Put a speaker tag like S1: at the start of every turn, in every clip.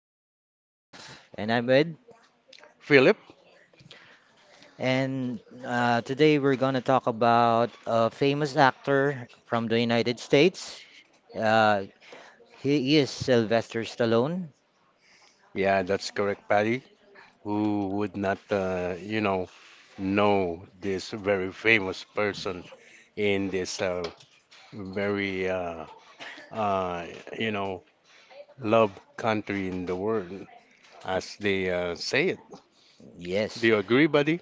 S1: My name is Joseph, and I'm Ed.
S2: Philip,
S1: And Today we're going to talk about a famous actor from the United States. Uh, he is Sylvester Stallone.
S2: yeah, that's correct, Patty. Who would not, know this very famous person in this very, uh, uh, you know, loved country in the world, as they say it? Do
S1: Yes,
S2: you agree, buddy?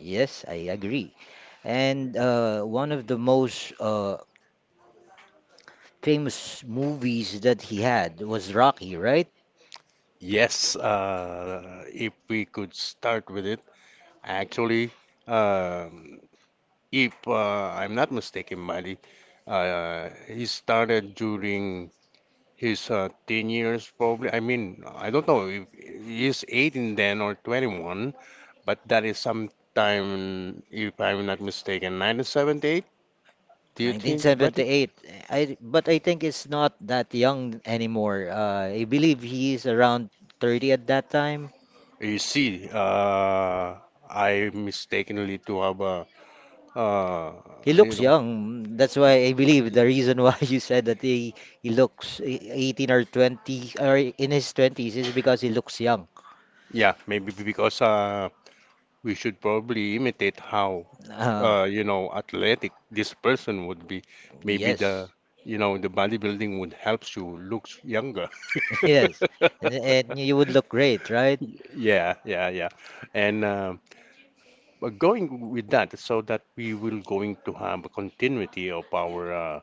S1: yes, I agree. And one of the most famous movies that he had was Rocky, right?
S2: Yes, if we could start with it, actually, um if I'm not mistaken, buddy, he started during He's 10 years probably. I mean, I don't know if he's 18 then or 21, but that is sometime, if I'm not mistaken, 1978. Do you think, buddy?
S1: 1978. I but I think it's not that young anymore. I believe he is around 30 at that time.
S2: You see, I mistakenly to have a, uh,
S1: He
S2: you
S1: looks
S2: know,
S1: young. That's why I believe the reason why you said that he looks 18 or 20 or in his 20s is because he looks young.
S2: yeah, maybe because we should probably imitate how,
S1: Uh,
S2: athletic this person would be. Maybe
S1: yes.
S2: the bodybuilding would helps you looks younger.
S1: Yes. And, and you would look great, right?
S2: Yeah, yeah, yeah. And But going with that, so that we will going to have a continuity of our,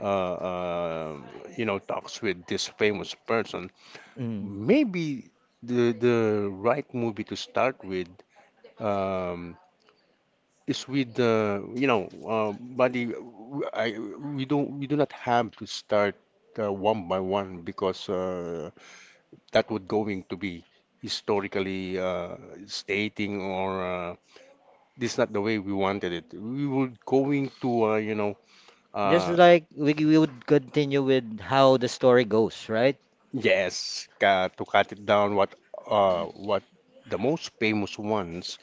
S2: uh, uh, talks with this famous person.
S1: Mm.
S2: Maybe the right movie to start with um, is with buddy. I we do not have to start one by one because that would going to be historically stating or. This is not the way we wanted it. We were going to,
S1: Just
S2: uh,
S1: like we would continue with how the story goes, right?
S2: yes, ca to cut it down. What the most famous ones,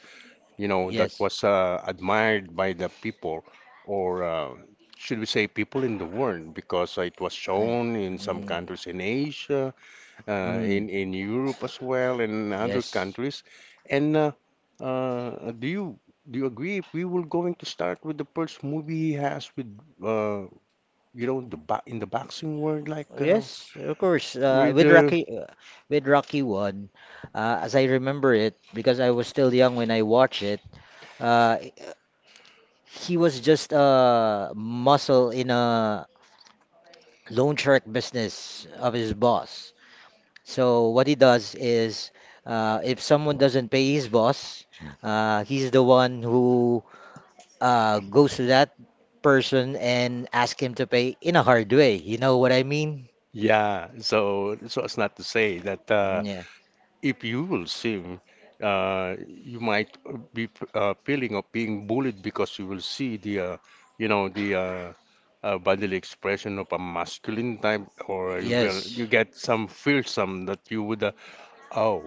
S2: that
S1: Yes.
S2: was admired by the people, or should we say people in the world, because it was shown in some
S1: mm,
S2: countries in Asia, in Europe as well, and other countries. And Do you agree if we were going to start with the first movie he has with uh, the bo in the boxing world, like
S1: Yes, of course.
S2: we
S1: With
S2: do.
S1: Rocky, with Rocky One, as I remember it, because I was still young when I watched it, uh, he was just a muscle in a loan shark business of his boss. So what he does is, if someone doesn't pay his boss, he's the one who goes to that person and ask him to pay in a hard way. You know what I mean?
S2: Yeah, so it's not to say that
S1: Yeah.
S2: if you will swim, you might be feeling of being bullied because you will see the bodily expression of a masculine type, or you get
S1: Yes.
S2: you get some fearsome that you would, oh,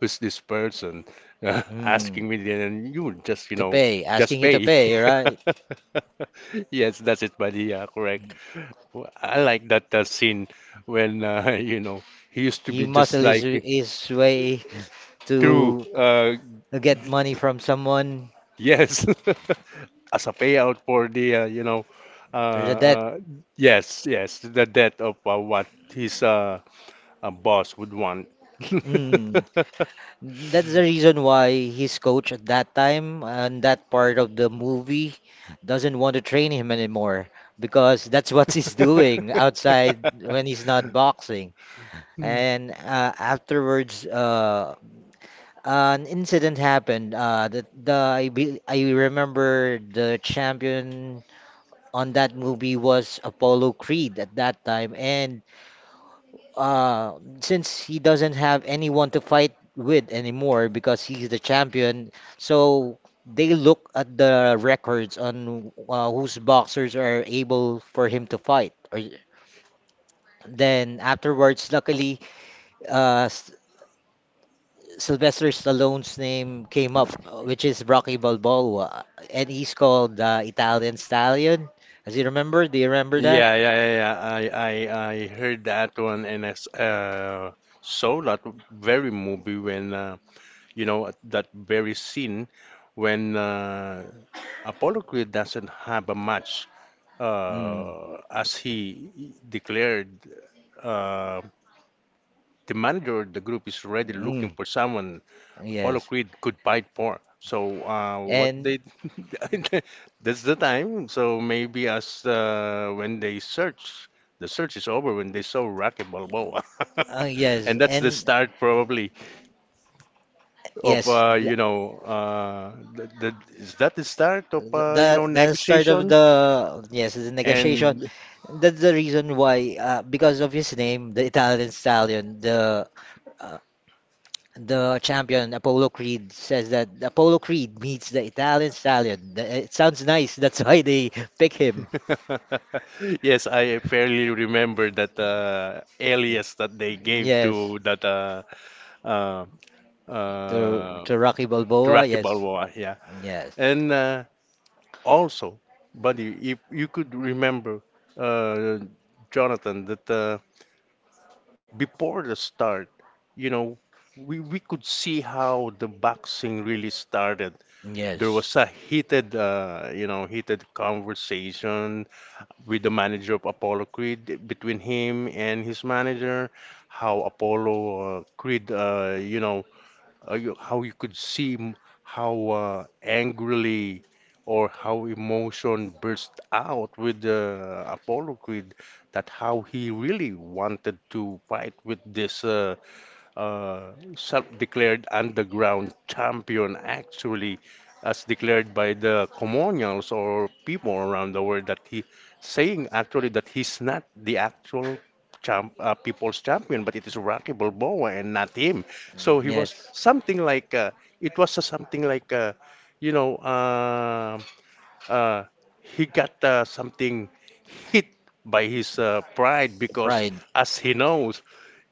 S2: who's this person asking
S1: Hmm.
S2: me? Then you would just,
S1: To pay,
S2: just
S1: asking you to
S2: pay.
S1: pay, right?
S2: Yes, that's it, buddy. Yeah, correct. Well, I like that scene when he used to
S1: He
S2: be just
S1: muscle his
S2: like
S1: his way
S2: true.
S1: to get money from someone
S2: Yes, as a payout for the uh,
S1: for the debt.
S2: uh, yes, yes, the death of what his boss would want.
S1: Mm. That's the reason why his coach at that time and that part of the movie doesn't want to train him anymore because that's what he's doing outside when he's not boxing. And afterwards, an incident happened. That the I, be, I remember the champion on that movie was Apollo Creed at that time. And since he doesn't have anyone to fight with anymore because he's the champion, so they look at the records on whose boxers are able for him to fight. Or, then afterwards, luckily, uh, s- Sylvester Stallone's name came up, which is Rocky Balboa, and he's called Italian Stallion. As you remember, do you remember that?
S2: Yeah, yeah, yeah, yeah. I heard that one, and I saw that very movie when you know, at that very scene when Apollo Creed doesn't have a match,
S1: Mm,
S2: as he declared, uh, the manager of the group is already looking
S1: mm,
S2: for someone Apollo
S1: yes,
S2: Creed could fight for. So what
S1: and
S2: they that's the time. So maybe as when they search, the search is over when they saw Rocky Balboa,
S1: yes,
S2: and that's the
S1: and
S2: start probably. Of
S1: yes,
S2: is that the start of
S1: the, the
S2: you know
S1: the start of
S2: negotiation?
S1: the yes the negotiation.
S2: And
S1: That's the reason why, because of his name, the Italian Stallion, uh, The champion, Apollo Creed, says that Apollo Creed meets the Italian Stallion. It sounds nice. That's why they pick him.
S2: yes, I fairly remember that alias that they gave
S1: Yes.
S2: to that uh,
S1: To
S2: uh,
S1: to Rocky
S2: to
S1: Balboa.
S2: Rocky
S1: Yes.
S2: Balboa. Yeah,
S1: Yes.
S2: and also, buddy, if you could remember, uh, Jonathan, that before the start, you know, we could see how the boxing really started. There was
S1: Yes.
S2: a heated, heated conversation with the manager of Apollo Creed between him and his manager. How Apollo Creed, how you could see how angrily or how emotion burst out with Apollo Creed, that how he really wanted to fight with this. Self-declared underground champion, actually, as declared by the colonials or people around the world that he saying actually that he's not the actual champ, people's champion, but it is Rocky Balboa and not him. So he was
S1: Yes.
S2: something like it was something like you know uh, uh, he got something hit by his pride because
S1: Pride.
S2: as he knows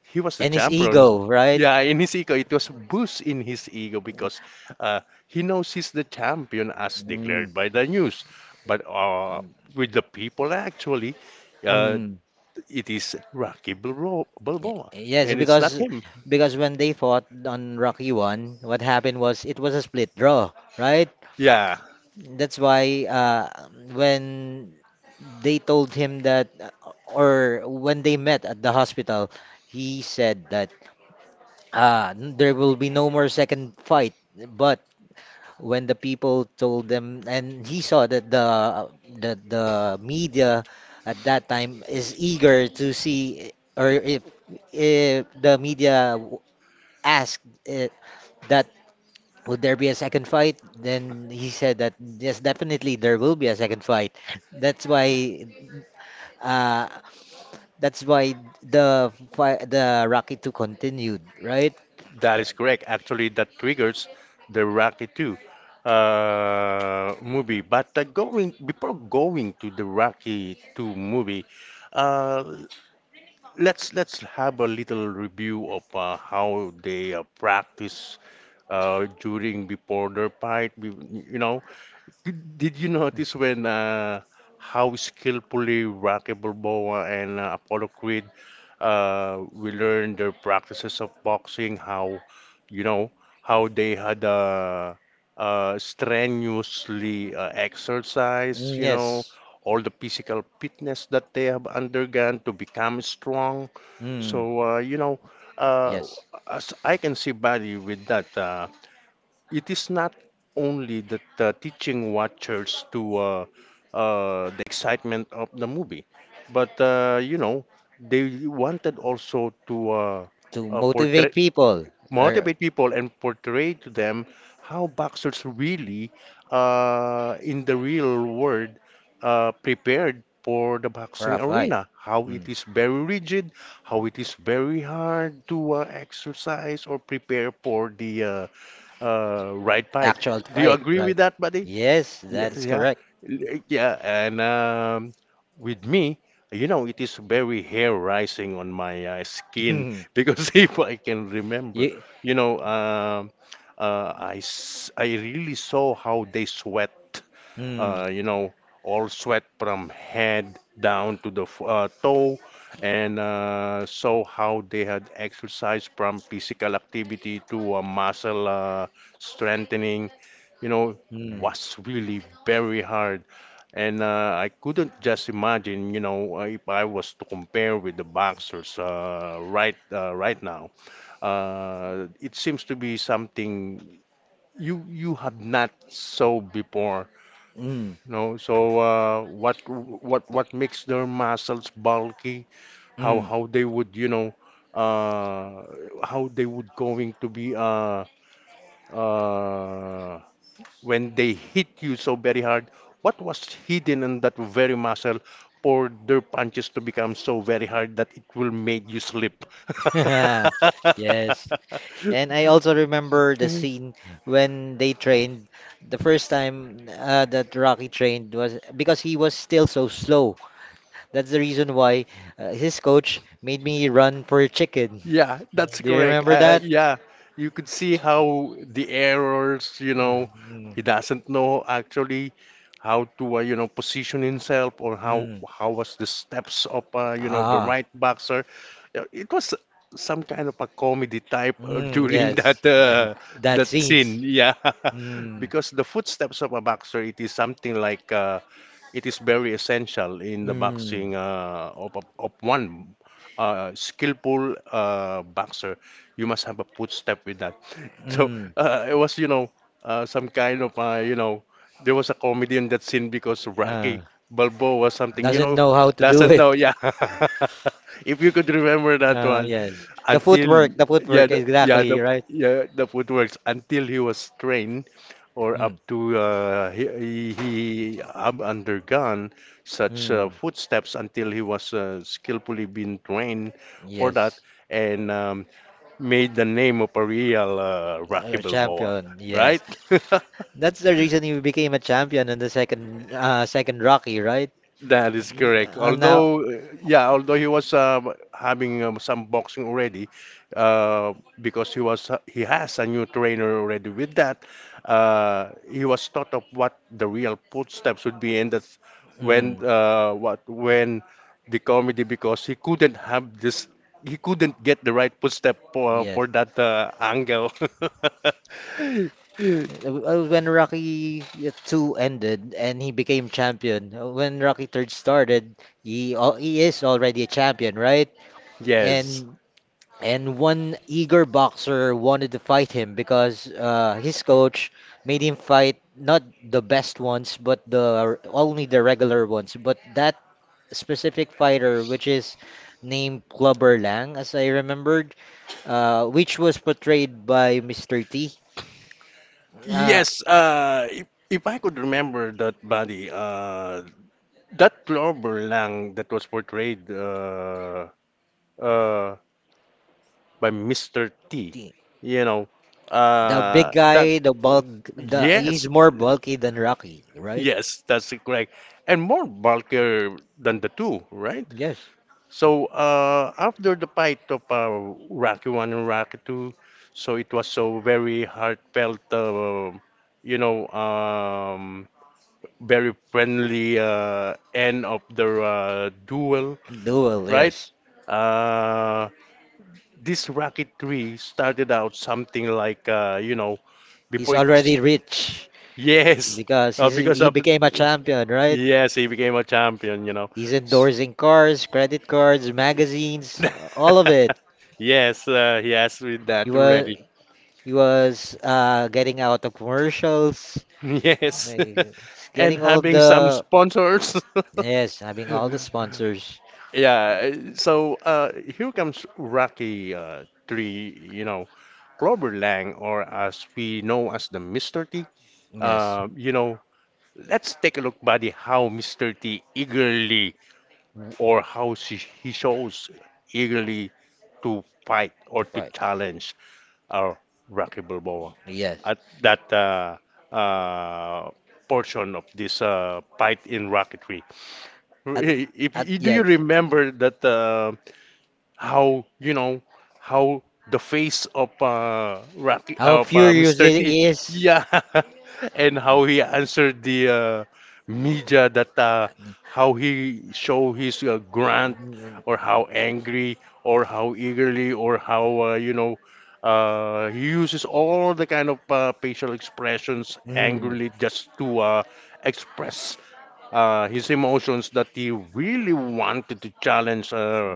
S2: he was the
S1: And his
S2: champion.
S1: ego, right?
S2: Yeah, in his ego, it was a boost in his ego because uh, he knows he's the champion as declared
S1: Mm.
S2: by the news. But
S1: Um,
S2: with the people, actually, uh,
S1: mm.
S2: it is Rocky Balboa,
S1: Y-
S2: Balboa,
S1: Yes,
S2: and it's not
S1: because
S2: him.
S1: when they fought on Rocky 1, what happened was it was a split draw, right?
S2: Yeah,
S1: That's why when they told him that, or when they met at the hospital, he said that there will be no more second fight. But when the people told them, and he saw that the media at that time is eager to see, or if the media asked uh, that would there be a second fight? Then he said that yes, definitely there will be a second fight. That's why, uh, that's why the Rocky Two continued, right?
S2: that is correct. Actually, that triggers the Rocky 2 movie. But going before going to the Rocky 2 movie, uh, let's have a little review of how they practice during before their fight. You know, did you notice when how skillfully Rocky Balboa and Apollo Creed we learned their practices of boxing? How you know How they had strenuously exercise.
S1: Mm,
S2: You know,
S1: yes.
S2: all the physical fitness that they have undergone to become strong
S1: Mm,
S2: so, uh,
S1: yes.
S2: as I can see, Barry, with that, it is not only that teaching watchers to the excitement of the movie, but they wanted also to
S1: To motivate
S2: portray
S1: people or
S2: motivate people and portray to them how boxers really, in the real world, prepared for the
S1: for
S2: boxing
S1: a fight.
S2: arena. How it
S1: Mm.
S2: is very rigid, how it is very hard to exercise or prepare for the right fight.
S1: Actual
S2: Do you
S1: fight,
S2: agree
S1: right?
S2: with that, buddy?
S1: Yes, that
S2: Yes,
S1: is
S2: yeah,
S1: correct.
S2: Yeah, and with me, it is very hair rising on my skin because if I can remember,
S1: You,
S2: you know, um, I really saw how they sweat
S1: mm.
S2: uh, you know, all sweat from head down to the toe, and saw how they had exercised from physical activity to muscle strengthening. You know,
S1: Mm,
S2: was really very hard, and I couldn't just imagine, if I was to compare with the boxers right now. It seems to be something you have not saw before
S1: mm,
S2: no, so what makes their muscles bulky? How
S1: mm.
S2: how they would uh, how they would going to be uh, when they hit you so very hard? What was hidden in that very muscle for their punches to become so very hard that it will make you slip?
S1: Yes. And I also remember the scene when they trained. The first time that Rocky trained was because he was still so slow. That's the reason why his coach made me run for a chicken.
S2: Yeah, that's
S1: Do you
S2: correct.
S1: remember that?
S2: Yeah, you could see how the errors,
S1: Mm,
S2: he doesn't know actually how to, position himself or how
S1: mm.
S2: how was the steps of, the
S1: Ah,
S2: right boxer. Yeah, it was some kind of a comedy type
S1: mm,
S2: during
S1: yes.
S2: that
S1: That
S2: that
S1: scenes.
S2: scene. Yeah,
S1: Mm.
S2: because the footsteps of a boxer, it is something like it is very essential in the
S1: Mm.
S2: boxing of one skillful boxer. You must have a footstep with that. So
S1: Mm.
S2: it was, some kind of, there was a comedy in that scene because
S1: Uh,
S2: Rocky Balboa was something,
S1: doesn't know how to do
S2: doesn't
S1: it.
S2: know, yeah. If you could remember that one,
S1: Yes.
S2: until
S1: The
S2: yeah,
S1: footwork, exactly, right?
S2: yeah, the footworks until he was trained or up
S1: Mm.
S2: to he have undergone such
S1: Mm.
S2: footsteps until he was skillfully being trained for that
S1: Yes,
S2: and made the name of a real Rocky
S1: a
S2: Balboa,
S1: champion. Yes,
S2: right?
S1: that's the reason you became a champion in the second Rocky, right?
S2: That is correct.
S1: Mm. Now,
S2: Although, yeah, although he was having some boxing already, uh, because he has a new trainer already. With that, he was taught of what the real footsteps would be, and that's
S1: mm,
S2: when what when the comedy because he couldn't have this, he couldn't get the right footstep
S1: yes.
S2: for that angle.
S1: When Rocky 2 ended and he became champion, when Rocky Third started, he is already a champion, right?
S2: Yes.
S1: And and one eager boxer wanted to fight him because his coach made him fight not the best ones, but the only the regular ones. But that specific fighter, which is named Clubber Lang, as I remembered, which was portrayed by Mr. T. Uh,
S2: Yes, if I could remember that body, that Clover Lang that was portrayed uh, by Mr. T,
S1: Yes.
S2: you know,
S1: The
S2: uh,
S1: big
S2: that,
S1: guy, the bulk, the he's
S2: yes,
S1: more bulky than Rocky, right?
S2: yes, that's correct. And more bulkier than the two, right?
S1: Yes,
S2: So after the fight of Rocky 1 and Rocky 2, so it was so very heartfelt, you know, um, very friendly end of the duel,
S1: duel.
S2: right?
S1: Yes,
S2: Uh, this Rocket 3 started out something like,
S1: he's
S2: before it.
S1: already rich
S2: Yes,
S1: because he's
S2: because
S1: he
S2: of.
S1: became a champion, right?
S2: Yes, he became a champion, you know.
S1: He's endorsing cars, credit cards, magazines, all of it.
S2: Yes, he has with
S1: He
S2: that
S1: was
S2: already.
S1: he was getting out of commercials.
S2: Yes.
S1: He's
S2: And
S1: getting all
S2: having some
S1: the
S2: sponsors.
S1: yes, having all the sponsors.
S2: Yeah, here comes Rocky 3, you know, Clover Lang, or as we know as the Mr. T.
S1: Yes,
S2: Uh, you know, let's take a look, buddy, how Mr. T eagerly, or how she, he shows eagerly to fight or to
S1: right.
S2: challenge our Rocky Balboa
S1: Yes.
S2: at that uh, portion of this fight in Rocky 3.
S1: At, at,
S2: If, Do you
S1: yes.
S2: remember that? How you know how the face of Rocky,
S1: How
S2: of
S1: furious
S2: Mr. T,
S1: he is.
S2: yeah. and How he answered the media, that how he show his grunt,
S1: Mm.
S2: or how angry, or how eagerly, or how he uses all the kind of facial expressions
S1: Mm.
S2: angrily just to express his emotions, that he really wanted to challenge uh,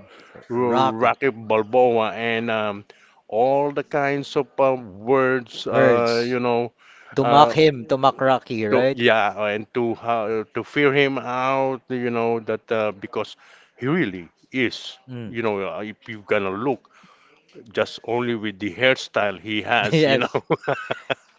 S2: Ro-
S1: Rocky.
S2: Rocky Balboa, and all the kinds of words,
S1: Words. To mock
S2: uh,
S1: him, to mock Rocky,
S2: to,
S1: right?
S2: yeah, and to fear him out, you know, that because he really is,
S1: Mm.
S2: you know, if you gonna look just only with the hairstyle he has, you
S1: Yes.
S2: know,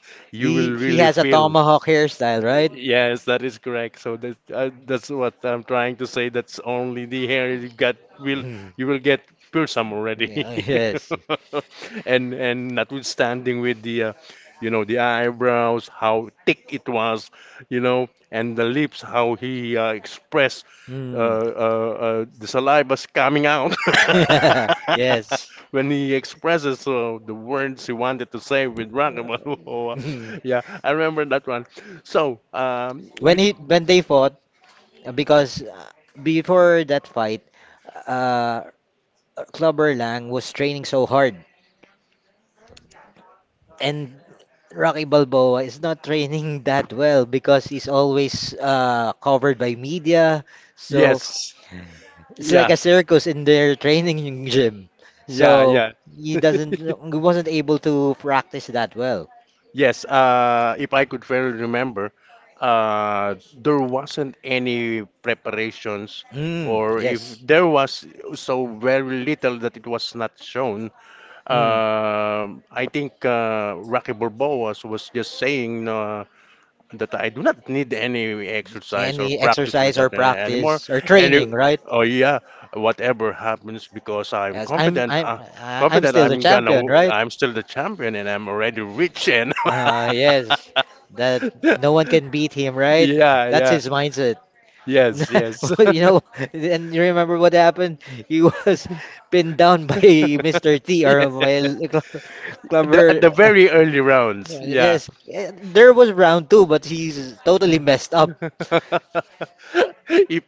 S2: you
S1: He
S2: will
S1: he
S2: really
S1: has a
S2: feel.
S1: tomahawk hairstyle, right?
S2: Yes, that is correct. So that's what I'm trying to say. That's only the hair you got will
S1: Mm.
S2: you will get piercing already,
S1: Yeah, yes.
S2: and notwithstanding with the you know the eyebrows how thick it was, you know, and the lips how he expressed
S1: Mm.
S2: the saliva's coming out
S1: Yes.
S2: when he expresses the words he wanted to say with Rock. Oh. Yeah, I remember that one. So,
S1: When
S2: with
S1: he when they fought because before that fight, uh Clubber Lang was training so hard and Rocky Balboa is not training that well because he's always covered by media. So
S2: yes,
S1: yes, it's like
S2: yeah,
S1: a circus in their training gym.
S2: yeah,
S1: So
S2: yeah,
S1: he doesn't he wasn't able to practice that well.
S2: yes. If I could fairly remember, there wasn't any preparations,
S1: Mm,
S2: or if
S1: yes.
S2: there was so very little that it was not shown.
S1: Mm.
S2: I think Rocky Balboa was just saying, that I do not need any exercise or
S1: Any
S2: practice with
S1: exercise or
S2: that anymore.
S1: practice or
S2: Any,
S1: training, right?
S2: oh yeah, whatever happens because I'm
S1: Yes, I'm
S2: confident.
S1: I'm uh, I'm
S2: Confident,
S1: still the
S2: I'm gonna.
S1: champion, right?
S2: I'm still the champion and I'm already rich and
S1: Yes, that
S2: yeah,
S1: no one can beat him, right? That's
S2: yeah,
S1: his mindset.
S2: yes, yes.
S1: You know, and you remember what happened? He was pinned down by Mr. T or
S2: Yeah.
S1: by
S2: The at the
S1: Clover.
S2: very early rounds. Yeah.
S1: Yes, there was round two, but he's totally messed up.
S2: If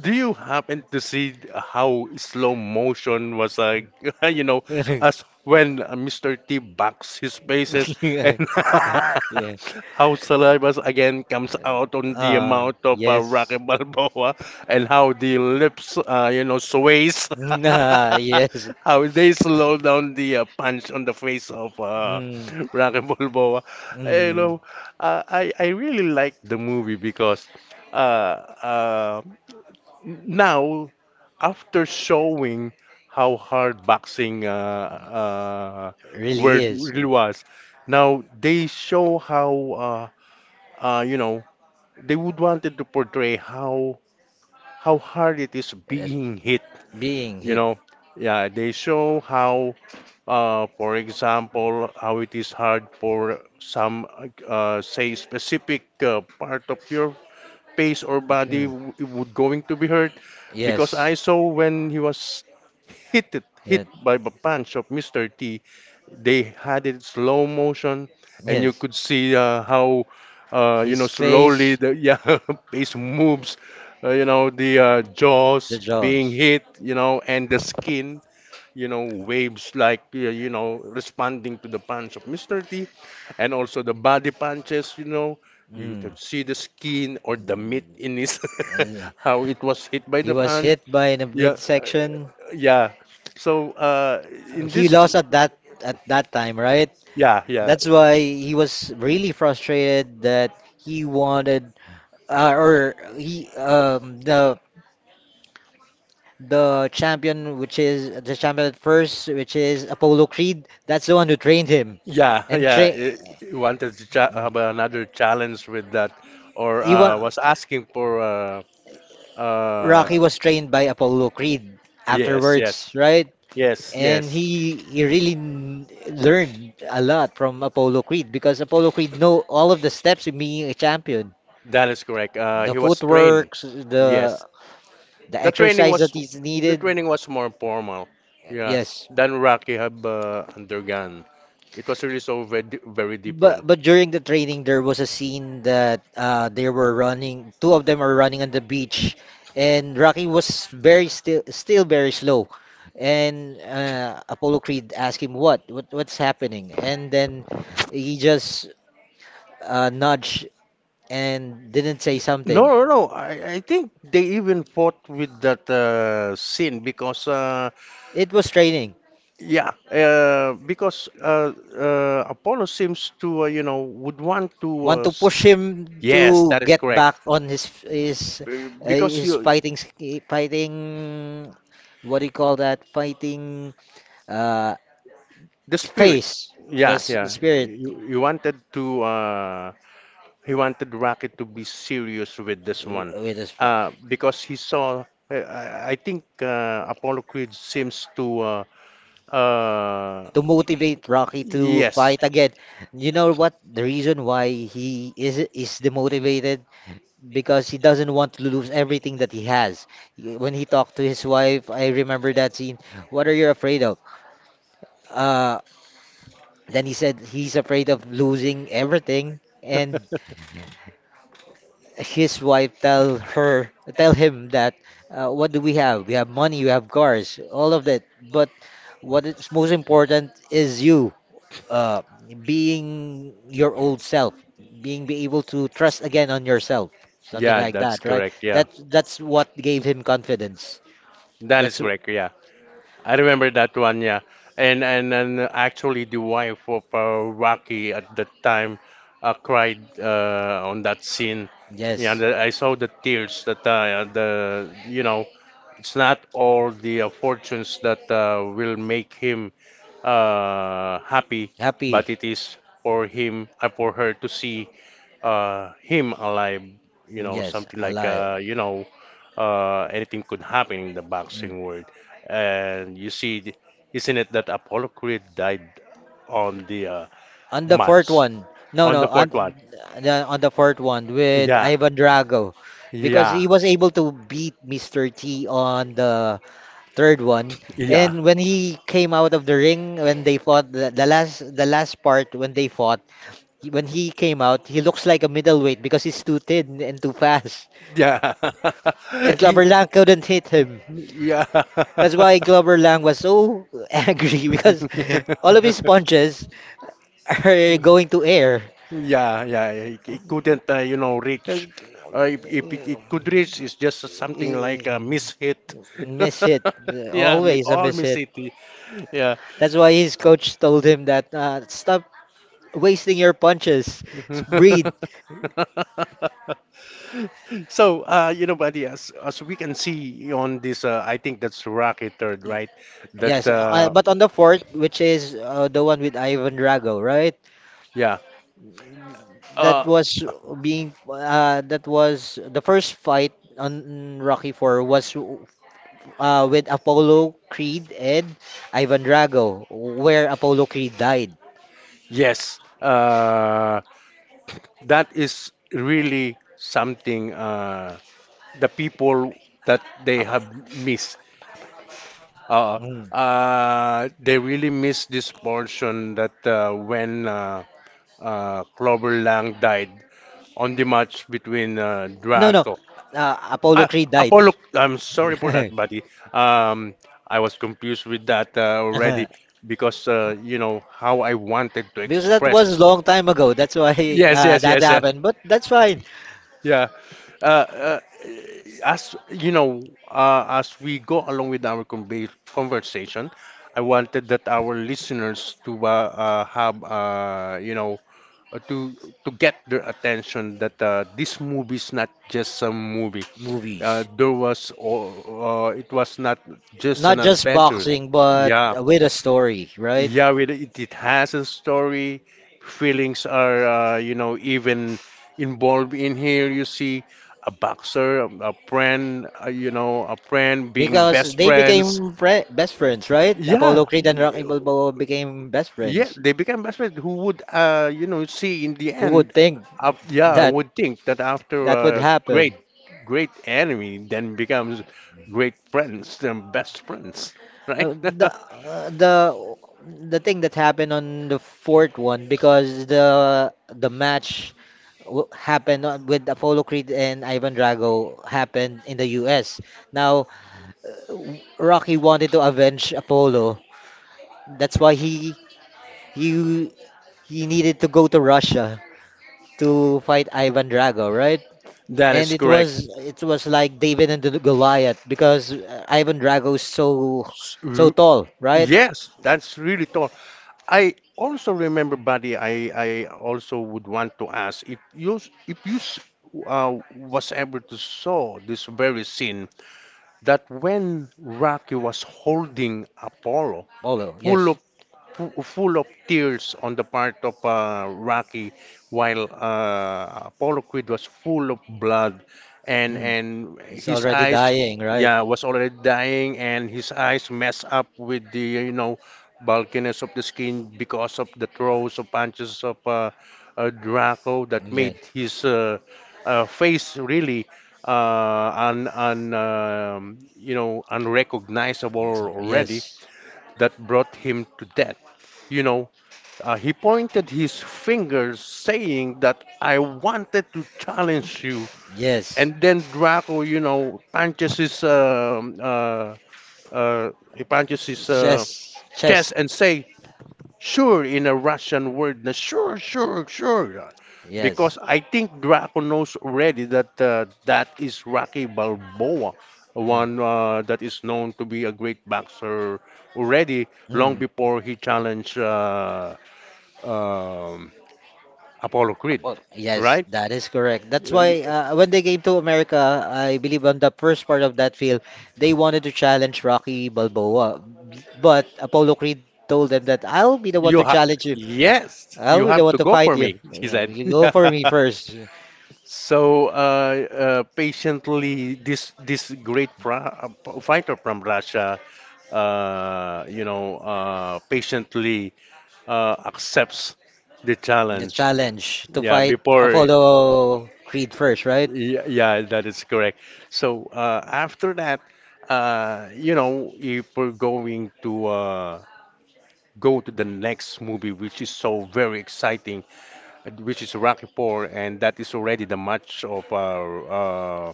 S2: do you happen to see how slow motion was like, you know, as when Mr. T backs his faces and
S1: Yeah,
S2: how saliva again comes out on the amount of Rocky
S1: Yes.
S2: Balboa, and how the lips, you know, sways.
S1: Nah, yes.
S2: How they slow down the punch on the face of
S1: Mm,
S2: Rocky Balboa. You
S1: mm,
S2: know, I really like the movie because uh, uh, now after showing how hard boxing uh,
S1: really
S2: word
S1: is.
S2: really was, now they show how you know they would wanted to portray how hard it is
S1: Yes.
S2: being hit.
S1: Being
S2: You
S1: hit.
S2: know, yeah, they show how for example, how it is hard for some, say, specific part of your face or body
S1: Mm,
S2: would going to be hurt, because
S1: yes.
S2: I saw when he was hit it, hit
S1: Yeah,
S2: by the punch of Mr. T. They had it slow motion, and you
S1: yes.
S2: could see how, you know,
S1: His
S2: slowly
S1: face,
S2: the yeah, face moves, you know, the
S1: the
S2: jaws being
S1: jaws.
S2: hit, you know, and the skin, you know, waves like, you know, responding to the punch of Mr. T, and also the body punches, you know. You
S1: Mm.
S2: can see the skin or the meat
S1: Mm.
S2: in his,
S1: Uh,
S2: how it was hit by
S1: He
S2: the
S1: was
S2: punch.
S1: hit by the
S2: Yeah,
S1: midsection.
S2: yeah. So in
S1: He
S2: this,
S1: lost at that time, right?
S2: yeah, yeah,
S1: That's why he was really frustrated that he wanted or he the champion, which is the champion at first, which is Apollo Creed, that's the one who trained him,
S2: yeah,
S1: and
S2: yeah. It wanted to cha have another challenge with that, or
S1: he wa-
S2: was asking for. Uh,
S1: Rocky was trained by Apollo Creed
S2: yes, yes,
S1: afterwards, right?
S2: yes,
S1: And
S2: yes.
S1: he really learned a lot from Apollo Creed because Apollo Creed know all of the steps in being a champion,
S2: That is correct.
S1: the
S2: He was trained.
S1: footwork, the
S2: Yes,
S1: the
S2: the training
S1: exercise
S2: was
S1: that is
S2: the
S1: needed.
S2: training was more formal. Yeah,
S1: Yes,
S2: than Rocky have undergone. It was really so very, very
S1: but
S2: different.
S1: but during the training there was a scene that they were running. Two of them are running on the beach, and Rocky was very still very slow. And Apollo Creed asked him what's happening, and then he just nudged and didn't say
S2: No,
S1: something.
S2: no, no. I think they even fought with that scene because,
S1: It was training.
S2: yeah, because Apollo seems to, you know, would want to.
S1: Want to push him
S2: Yes,
S1: to
S2: that is
S1: get
S2: correct.
S1: back on his his uh,
S2: Because
S1: his
S2: you.
S1: fighting fighting, what do you call that fighting uh
S2: The spirit.
S1: face, the,
S2: Yeah,
S1: s- the
S2: yeah.
S1: spirit,
S2: You wanted to he wanted Rocket to be serious with this one.
S1: with his
S2: Because he saw I think Apollo Creed seems to uh
S1: to motivate Rocky to
S2: yes.
S1: fight again. You know what? The reason why he is demotivated, because he doesn't want to lose everything that he has. When he talked to his wife, I remember that scene. What are you afraid of? Uh, Then he said he's afraid of losing everything, and his wife tell him that what do we have? We have money, we have cars, all of that. But what is most important is you, uh, being your old self, being be able to trust again on yourself, something
S2: Yeah,
S1: like
S2: that's
S1: that, right?
S2: correct. Yeah.
S1: That's what gave him confidence.
S2: That is
S1: That's w-
S2: correct. Yeah. I remember that one, yeah. And actually, the wife of Rocky at that time cried on that scene. Yeah,
S1: yes,
S2: the, I saw the tears that the you know it's not all the fortunes that will make him happy,
S1: happy.
S2: but it is for him, for her to see him alive, you know,
S1: Yes,
S2: something like,
S1: alive.
S2: you know, anything could happen in the
S1: Mm.
S2: boxing world. And you see, isn't it that Apollo Creed died on the
S1: On the fourth
S2: match,
S1: one, no,
S2: on
S1: no,
S2: the
S1: on
S2: fourth one?
S1: the fourth one with
S2: Yeah,
S1: Ivan Drago, because
S2: yeah,
S1: he was able to beat Mr. T on the third one,
S2: yeah,
S1: and when he came out of the ring, when they fought the last part when they fought, when he came out, he looks like a middleweight because he's too thin and too fast,
S2: yeah.
S1: and
S2: He-
S1: Clubber Lang couldn't hit him.
S2: yeah.
S1: That's why Clubber Lang was so angry because all of his punches are going to air.
S2: Yeah, yeah, it couldn't, you know, reach. If it, it could reach, it's just something like a miss hit.
S1: Miss it.
S2: Yeah,
S1: Always a
S2: all
S1: miss
S2: miss
S1: it.
S2: hit. Yeah.
S1: That's why his coach told him that stop wasting your punches. Breathe.
S2: So, you know, buddy, as we can see on this, I think that's Rocket Third, right? That,
S1: Yes, but on the fourth, which is the one with Ivan Drago, right?
S2: yeah.
S1: That
S2: Uh,
S1: was that was the first fight on Rocky 4 was with Apollo Creed and Ivan Drago, where Apollo Creed died.
S2: yes. That is really something the people that they have missed. Uh,
S1: Mm.
S2: they really missed this portion that when Clover Lang died on the match between
S1: No, no.
S2: Draco.
S1: Apollo
S2: Ah,
S1: Creed died.
S2: Apollo. I'm sorry for that, buddy. Um, I was confused with that already because you know how I wanted to
S1: Because that was a
S2: express.
S1: long time ago. That's why
S2: Yes, yes,
S1: that
S2: yes, yeah,
S1: happened. But that's fine.
S2: yeah. Uh, uh, as you know, as we go along with our conversation, I wanted that our listeners to have you know uh, to to get their attention that this movie is not just some movie.
S1: Movies.
S2: There was or it was not just
S1: Not
S2: an
S1: just
S2: adventure.
S1: boxing, but
S2: Yeah,
S1: with a story, right?
S2: yeah, it has a story. Feelings are, you know, even involved in here. You see a boxer, a friend, you know, a friend being
S1: Because
S2: best
S1: they
S2: friends.
S1: became fri best friends, right? Apollo
S2: Yeah,
S1: Creed and Rocky Balboa became best
S2: yeah,
S1: friends.
S2: they became best friends. Who would, you know, see in the
S1: Who would
S2: end?
S1: think
S2: Yeah, I
S1: that
S2: would think that after
S1: that would
S2: a
S1: happen?
S2: great, great enemy, then becomes great friends, then best friends, right?
S1: Uh, the uh, the the thing that happened on the fourth one, because the match happened with Apollo Creed and Ivan Drago happened in the US. Now Rocky wanted to avenge Apollo. That's why he he needed to go to Russia to fight Ivan Drago, right?
S2: That
S1: And
S2: is
S1: it
S2: correct.
S1: was it was like David and the Goliath because Ivan Drago is so
S2: R-
S1: tall, right?
S2: Yes,
S1: Yes.
S2: that's really tough. I also remember, buddy. I also would want to ask if you was able to saw this very scene, that when Rocky was holding Apollo
S1: Apollo,
S2: full
S1: yes.
S2: full of tears on the part of Rocky, while Apollo Creed was full of blood, and
S1: It's
S2: his
S1: already
S2: eyes,
S1: dying, right?
S2: yeah, was already dying, and his eyes messed up with the you know bulkiness of the skin because of the throws of punches of Draco, that
S1: Yes.
S2: made his face really un, un you know unrecognizable
S1: Nice one.
S2: already,
S1: Yes.
S2: that brought him to death. You know, he pointed his fingers, saying that I wanted to challenge you.
S1: Yes.
S2: And then Draco, you know, punches his he punches his
S1: It's chest. Chess.
S2: chest, and say, Sure, in a Russian word, na sure, sure, sure.
S1: Yes.
S2: Because I think Draco knows already that that is Rocky Balboa,
S1: Mm.
S2: one that is known to be a great boxer already long
S1: Mm.
S2: before he challenged um, Apollo Creed,
S1: Well, yes,
S2: right?
S1: that is correct. That's
S2: Uh,
S1: why
S2: y-
S1: when they came to America, I believe on the first part of that field, they wanted to challenge Rocky Balboa. But Apollo Creed told them that I'll be the one
S2: You
S1: to
S2: have
S1: challenge you.
S2: yes,
S1: I'll
S2: you
S1: be the
S2: have
S1: one
S2: to
S1: to
S2: go
S1: fight
S2: for
S1: you.
S2: me, he
S1: Yeah,
S2: said.
S1: you go for me first.
S2: So, patiently, this great fighter from Russia, you know, patiently accepts the
S1: The
S2: challenge.
S1: challenge to
S2: Yeah,
S1: fight
S2: before,
S1: Apollo Creed first, right?
S2: yeah, yeah, that is correct. So after that, you know, if we're going to go to the next movie, which is so very exciting, which is Rocky Four, and that is already the match of uh,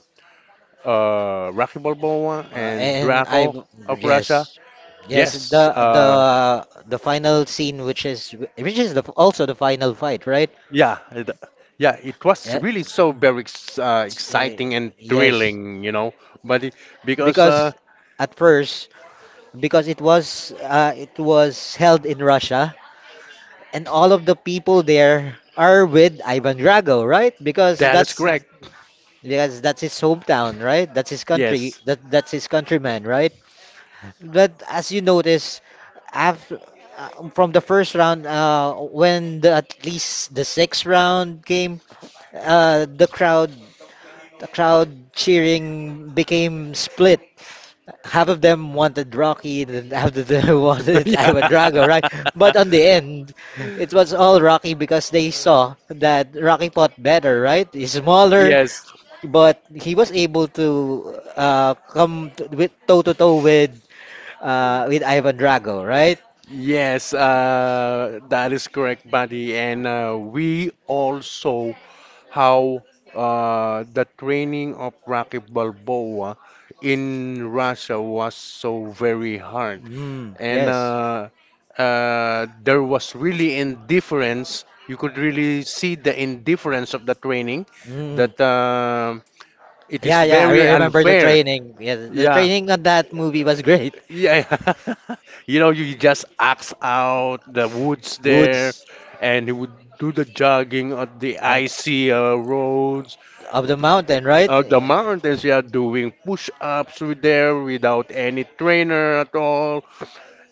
S2: uh, Rocky Balboa and
S1: And I
S2: Drago of Russia.
S1: yes. Yes,
S2: Yes,
S1: the the the final scene, which is the also the final fight, right?
S2: yeah, it, yeah, it was
S1: Yeah,
S2: really so very
S1: Eh,
S2: exciting and
S1: yes,
S2: thrilling, you know. But it, because
S1: because at first, because it was held in Russia, and all of the people there are with Ivan Drago, right? Because
S2: that is
S1: that's
S2: correct,
S1: because that's his hometown, right? That's his country.
S2: yes,
S1: That's his countryman, right? But as you notice, after from the first round, at least the sixth round came, uh, the crowd the crowd cheering became split, half of them wanted Rocky, and half of them wanted
S2: yeah,
S1: Ivan Drago, right? But on the end, it was all Rocky because they saw that Rocky fought better, right? He's smaller,
S2: yes.
S1: but he was able to come to, with toe to toe with with Ivan Drago, right?
S2: Yes, that is correct, buddy. And we also how the training of Rocky Balboa in Russia was so very hard,
S1: Mm,
S2: and
S1: yes.
S2: there was really indifference. You could really see the indifference of the training
S1: Mm.
S2: that it is
S1: Yeah, yeah, I
S2: very
S1: remember the
S2: unfair.
S1: training. Yeah, the
S2: Yeah.
S1: training on that movie was great.
S2: Yeah, you know, you just axe out the woods there,
S1: Woods.
S2: and he would do the jogging on the icy roads,
S1: Up the mountain, right?
S2: the mountains. Yeah, doing push-ups with there without any trainer at all.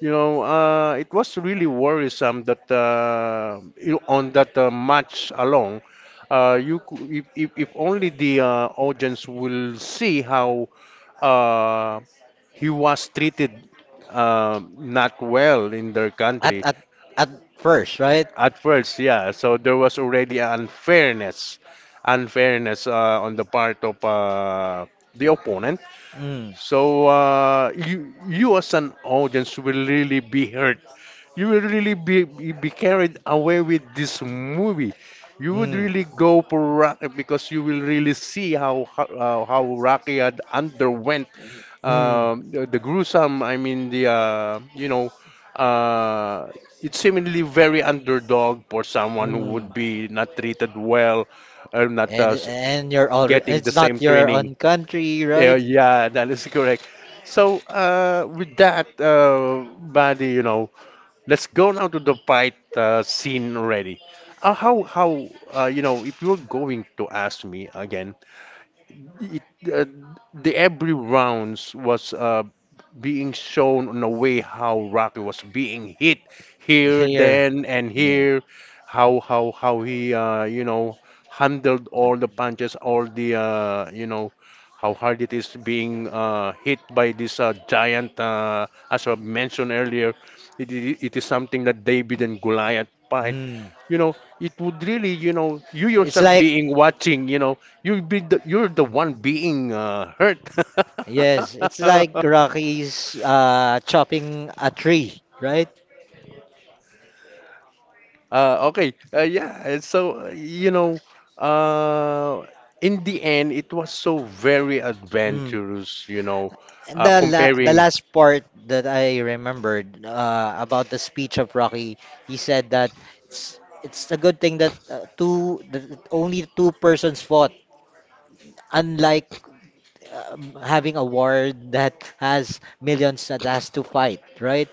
S2: You know, it was really worrisome that on that match alone, if only the audience will see how uh, he was treated not well in their
S1: At
S2: country
S1: at at first, right?
S2: at first, yeah. So there was already unfairness, unfairness on the part of the opponent.
S1: Mm.
S2: So you you as an audience will really be hurt. You will really be carried away with this movie. You would
S1: Mm.
S2: really go for Rocky because you will really see how Rocky had underwent
S1: Mm.
S2: the gruesome, I mean the you know, uh, it's seemingly very underdog for someone who
S1: Mm.
S2: would be not treated well or not
S1: And you're already
S2: getting the
S1: it's
S2: same
S1: not your
S2: training.
S1: own country,
S2: Yeah,
S1: right?
S2: yeah, that is correct. So with that, buddy, you know, let's go now to the fight scene already. How if you're going to ask me again, y- uh, the every rounds was being shown on the way how Rocky was being hit here,
S1: Here.
S2: then, and
S1: Yeah.
S2: here, how he handled all the punches, all the how hard it is being hit by this giant. As I mentioned earlier, it is something that David and Goliath fight.
S1: Mm.
S2: You know, it would really, you
S1: It's
S2: yourself
S1: like
S2: being watching, you're the one being hurt.
S1: yes, it's like
S2: uh,
S1: Rocky's chopping a tree, right?
S2: okay, yeah. and So you know, uh, in the end, it was so very
S1: Mm.
S2: adventurous.
S1: And the
S2: Comparing
S1: last part that I remembered about the speech of Rocky, he said that it's a good thing that two that only two persons fought, unlike having a war that has millions that has to fight, right?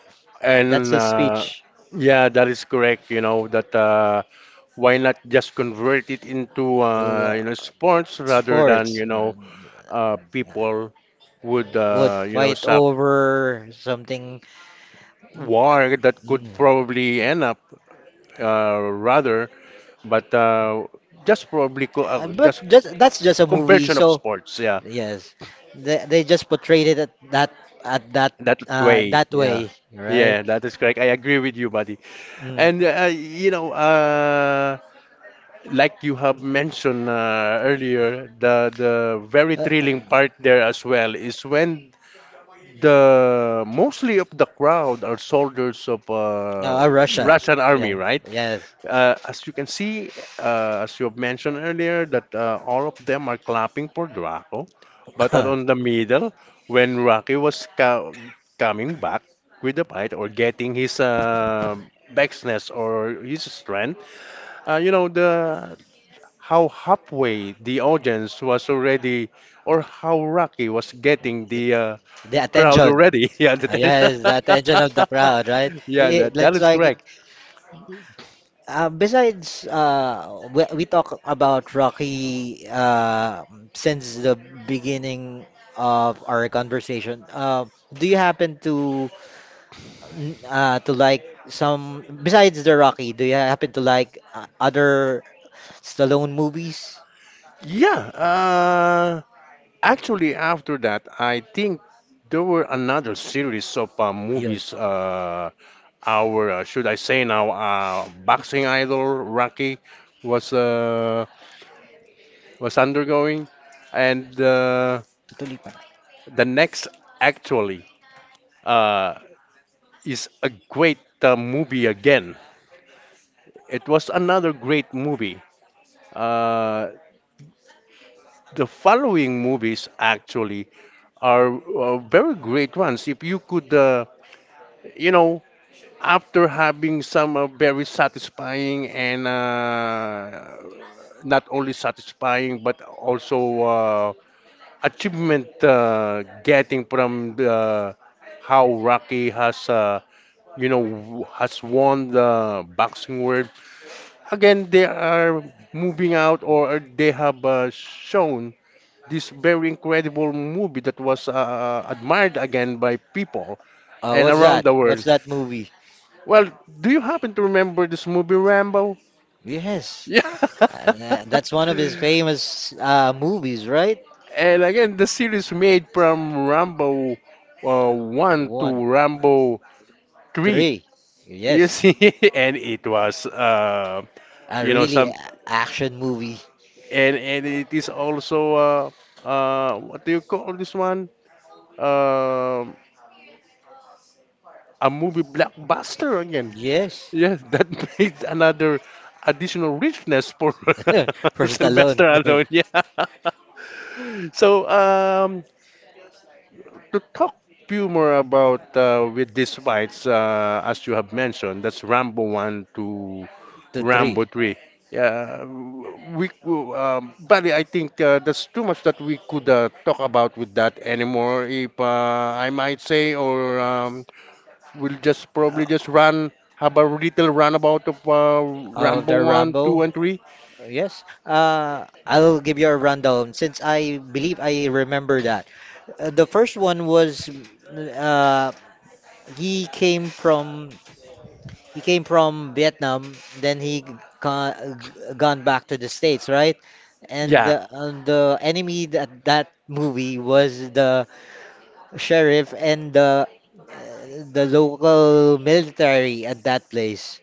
S1: That's
S2: and
S1: his speech.
S2: yeah, that is correct. You know that why not just convert it into
S1: Uh,
S2: sports rather than
S1: Sports man
S2: people would
S1: would fight
S2: suck
S1: over something.
S2: war that could
S1: Mm.
S2: probably end up rather, but just probably
S1: But
S2: just
S1: just that's just a movie,
S2: conversion of
S1: so
S2: sports. Yeah,
S1: yes, they just portrayed it at that
S2: that way.
S1: that
S2: Yeah,
S1: way, right?
S2: yeah, that is correct. I agree with you, buddy.
S1: Mm.
S2: And like you have mentioned earlier, the very
S1: Uh,
S2: thrilling part there as well is when the mostly of the crowd are soldiers of
S1: Russia.
S2: Russian army,
S1: Yeah.
S2: right?
S1: Yes.
S2: As you can see, as you have mentioned earlier, that all of them are clapping for Draco, but at
S1: The
S2: on the middle, when Rocky was co coming back with the fight or getting his backness or his strength, the how halfway the audience was already, or how Rocky was getting the crowd
S1: attention.
S2: already, yeah, the tension.
S1: Yes, the attention of the crowd, right?
S2: Yeah, that
S1: It's
S2: is
S1: like
S2: correct.
S1: besides we talk about Rocky since the beginning of our conversation. Do you happen to to like some besides the Rocky, do you happen to like other Stallone movies?
S2: Yeah, actually, after that, I think there were another series of
S1: Yes,
S2: movies. Our should I say now, boxing idol Rocky was uh, was undergoing, and
S1: Tutulipan.
S2: the next actually uh, is a great movie again. It was another great movie. Uh, the following movies actually are very great ones. If you could, you know, after having some very satisfying and not only satisfying but also achievement getting from the, how Rocky has you know has won the boxing world again they are moving out or they have shown this very incredible movie that was admired again by people and
S1: What's
S2: around
S1: that?
S2: the world
S1: What's that movie?
S2: well, do you happen to remember this movie Rambo?
S1: Yes,
S2: Yeah.
S1: that's one of his famous movies, right?
S2: And again, the series made from Rambo 1
S1: One,
S2: to Rambo 3.
S1: three.
S2: You
S1: Yes,
S2: see, and it was,
S1: a really a-
S2: some,
S1: action movie.
S2: and it is also, what do you call this one? Um a movie blockbuster again.
S1: Yes,
S2: Yes, that makes another additional richness for
S1: for Stallone.
S2: Sylvester alone. Yeah. So, um, to talk few more about with these fights, as you have mentioned, that's Rambo 1 to
S1: Two, three.
S2: Rambo 3. Yeah, buddy, I think that's too much that we could talk about with that anymore, if I might say, or we'll just probably just run have a little runabout of
S1: Of
S2: Rambo
S1: the
S2: one, two,
S1: Rambo.
S2: and three.
S1: Yes. I'll give you a rundown since I believe I remember that. The first one was uh, he came from he came from Vietnam, then he ca- gone back to the States, right? And
S2: Yeah,
S1: the enemy that that movie was the sheriff and the local military at that place.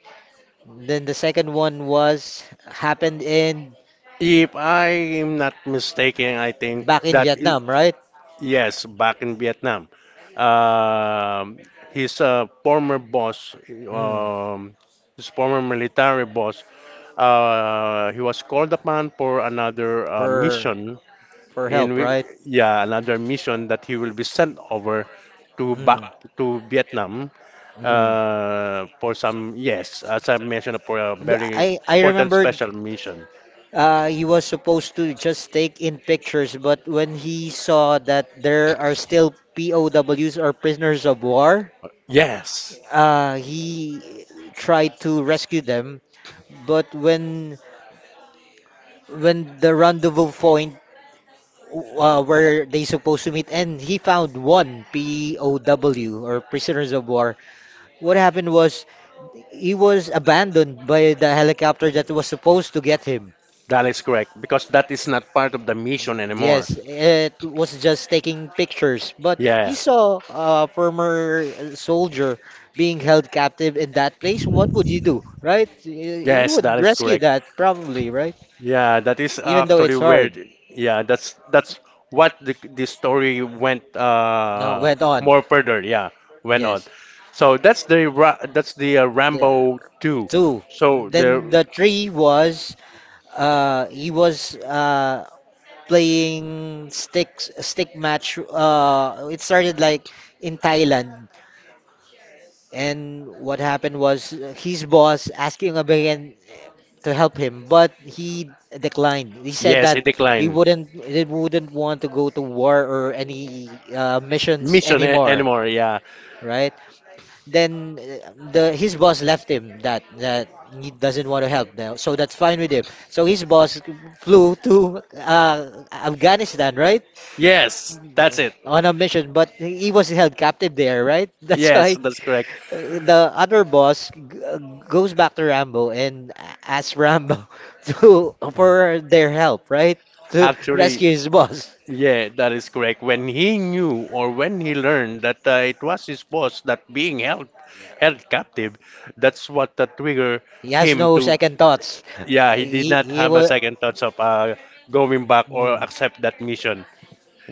S1: Then the second one was happened in
S2: if I am not mistaken, I think
S1: back in Vietnam, right?
S2: yes, back in Vietnam, um, his former boss,
S1: Mm.
S2: his former military boss, he was called upon for another
S1: For
S2: mission
S1: for
S2: in
S1: help,
S2: whi-
S1: right?
S2: yeah another mission that he will be sent over to
S1: Mm.
S2: back to Vietnam
S1: Mm.
S2: for some, yes, as I mentioned, for a very
S1: I
S2: important
S1: remembered
S2: special mission.
S1: he was supposed to just take in pictures, but when he saw that there are still POWs or prisoners of war,
S2: Yes,
S1: he tried to rescue them. But when the rendezvous point where they supposed to meet and he found one POW or prisoners of war. What happened was he was abandoned by the helicopter that was supposed to get him.
S2: that is correct because that is not part of the mission anymore.
S1: Yes, it was just taking pictures, but he
S2: Yeah,
S1: saw a former soldier being held captive in that place. What would you do, right? You
S2: yes, that
S1: would
S2: is
S1: rescue
S2: correct.
S1: that probably, right?
S2: Yeah, that is
S1: Even though
S2: actually
S1: it's
S2: where.
S1: hard.
S2: Yeah, that's what the story went
S1: Now went on.
S2: more further. Yeah, went on.
S1: Yes.
S2: So that's that's the
S1: The
S2: Rambo 2.
S1: two.
S2: So the
S1: Then the three was he was playing stick match it started like in Thailand, and what happened was his boss asking Abayan to help him, but he declined. He said
S2: Yes, it
S1: that
S2: declined.
S1: he wouldn't want to go to war or any missions
S2: Mission
S1: anymore,
S2: anymore, yeah.
S1: right? Then the his boss left him that he doesn't want to help now, so that's fine with him, so his boss flew to Afghanistan, right,
S2: Yes, that's it.
S1: on a mission, but he was held captive there, right? That's
S2: Yes,
S1: why
S2: that's correct.
S1: the other boss goes back to Rambo and asks Rambo to for their help, right? to right.
S2: Actually,
S1: Rescue his boss,
S2: yeah, that is correct. When he knew or when he learned that it was his boss that being held captive, that's what that trigger
S1: he has
S2: him
S1: no
S2: to.
S1: second thoughts. Yeah,
S2: Yeah, he did not
S1: he, no
S2: have a
S1: was
S2: second thoughts of going back or
S1: Mm.
S2: accept that mission.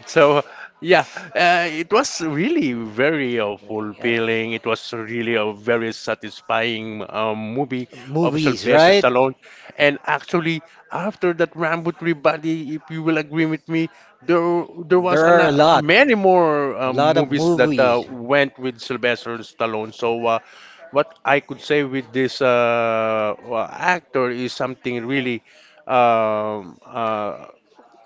S2: So, yeah, it was really very
S1: Yeah,
S2: fulfilling. It was really a very satisfying movie of
S1: movies,
S2: Sylvester
S1: right?
S2: Stallone. And actually, after that Rambo 3 buddy, if you will agree with me, there
S1: There,
S2: was an,
S1: Are
S2: many more
S1: a lot of
S2: movies that
S1: movies.
S2: went with Sylvester Stallone. What I could say with this actor is something really um, uh,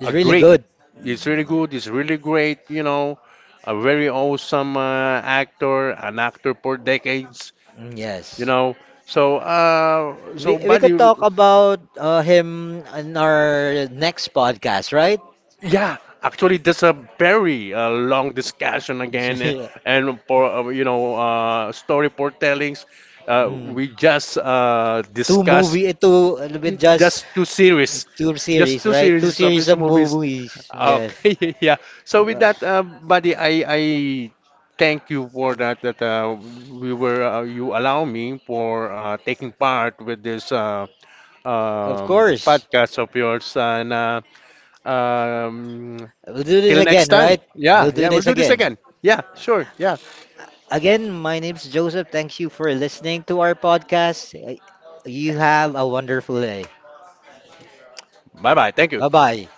S1: It's
S2: a
S1: really
S2: great.
S1: good.
S2: It's really
S1: Mm,
S2: good. It's really great. You know, a very awesome actor, an actor for decades. You
S1: yes.
S2: know, so
S1: We
S2: buddy,
S1: could talk about him in our next podcast, right?
S2: yeah. Actually, that's a very long discussion again, eh, and for story for tellings,
S1: Mm.
S2: we just
S1: Two
S2: discussed
S1: movie, two With just
S2: just two series
S1: two
S2: just
S1: series,
S2: two
S1: right? Two
S2: series of
S1: series
S2: his
S1: of
S2: movies.
S1: movies. Yes.
S2: Okay, yeah, so with
S1: Uh,
S2: that buddy, I thank you for that we were you allow me for taking part with this
S1: of course.
S2: podcast of yours and um,
S1: We'll do this
S2: till next
S1: again,
S2: time.
S1: right? We'll
S2: Yeah,
S1: do
S2: yeah, we'll
S1: this
S2: do this
S1: again.
S2: again. Yeah, sure, yeah,
S1: Again, my name's Joseph. Thank you for listening to our podcast. You have a wonderful day.
S2: bye bye, thank
S1: Bye
S2: you.
S1: bye.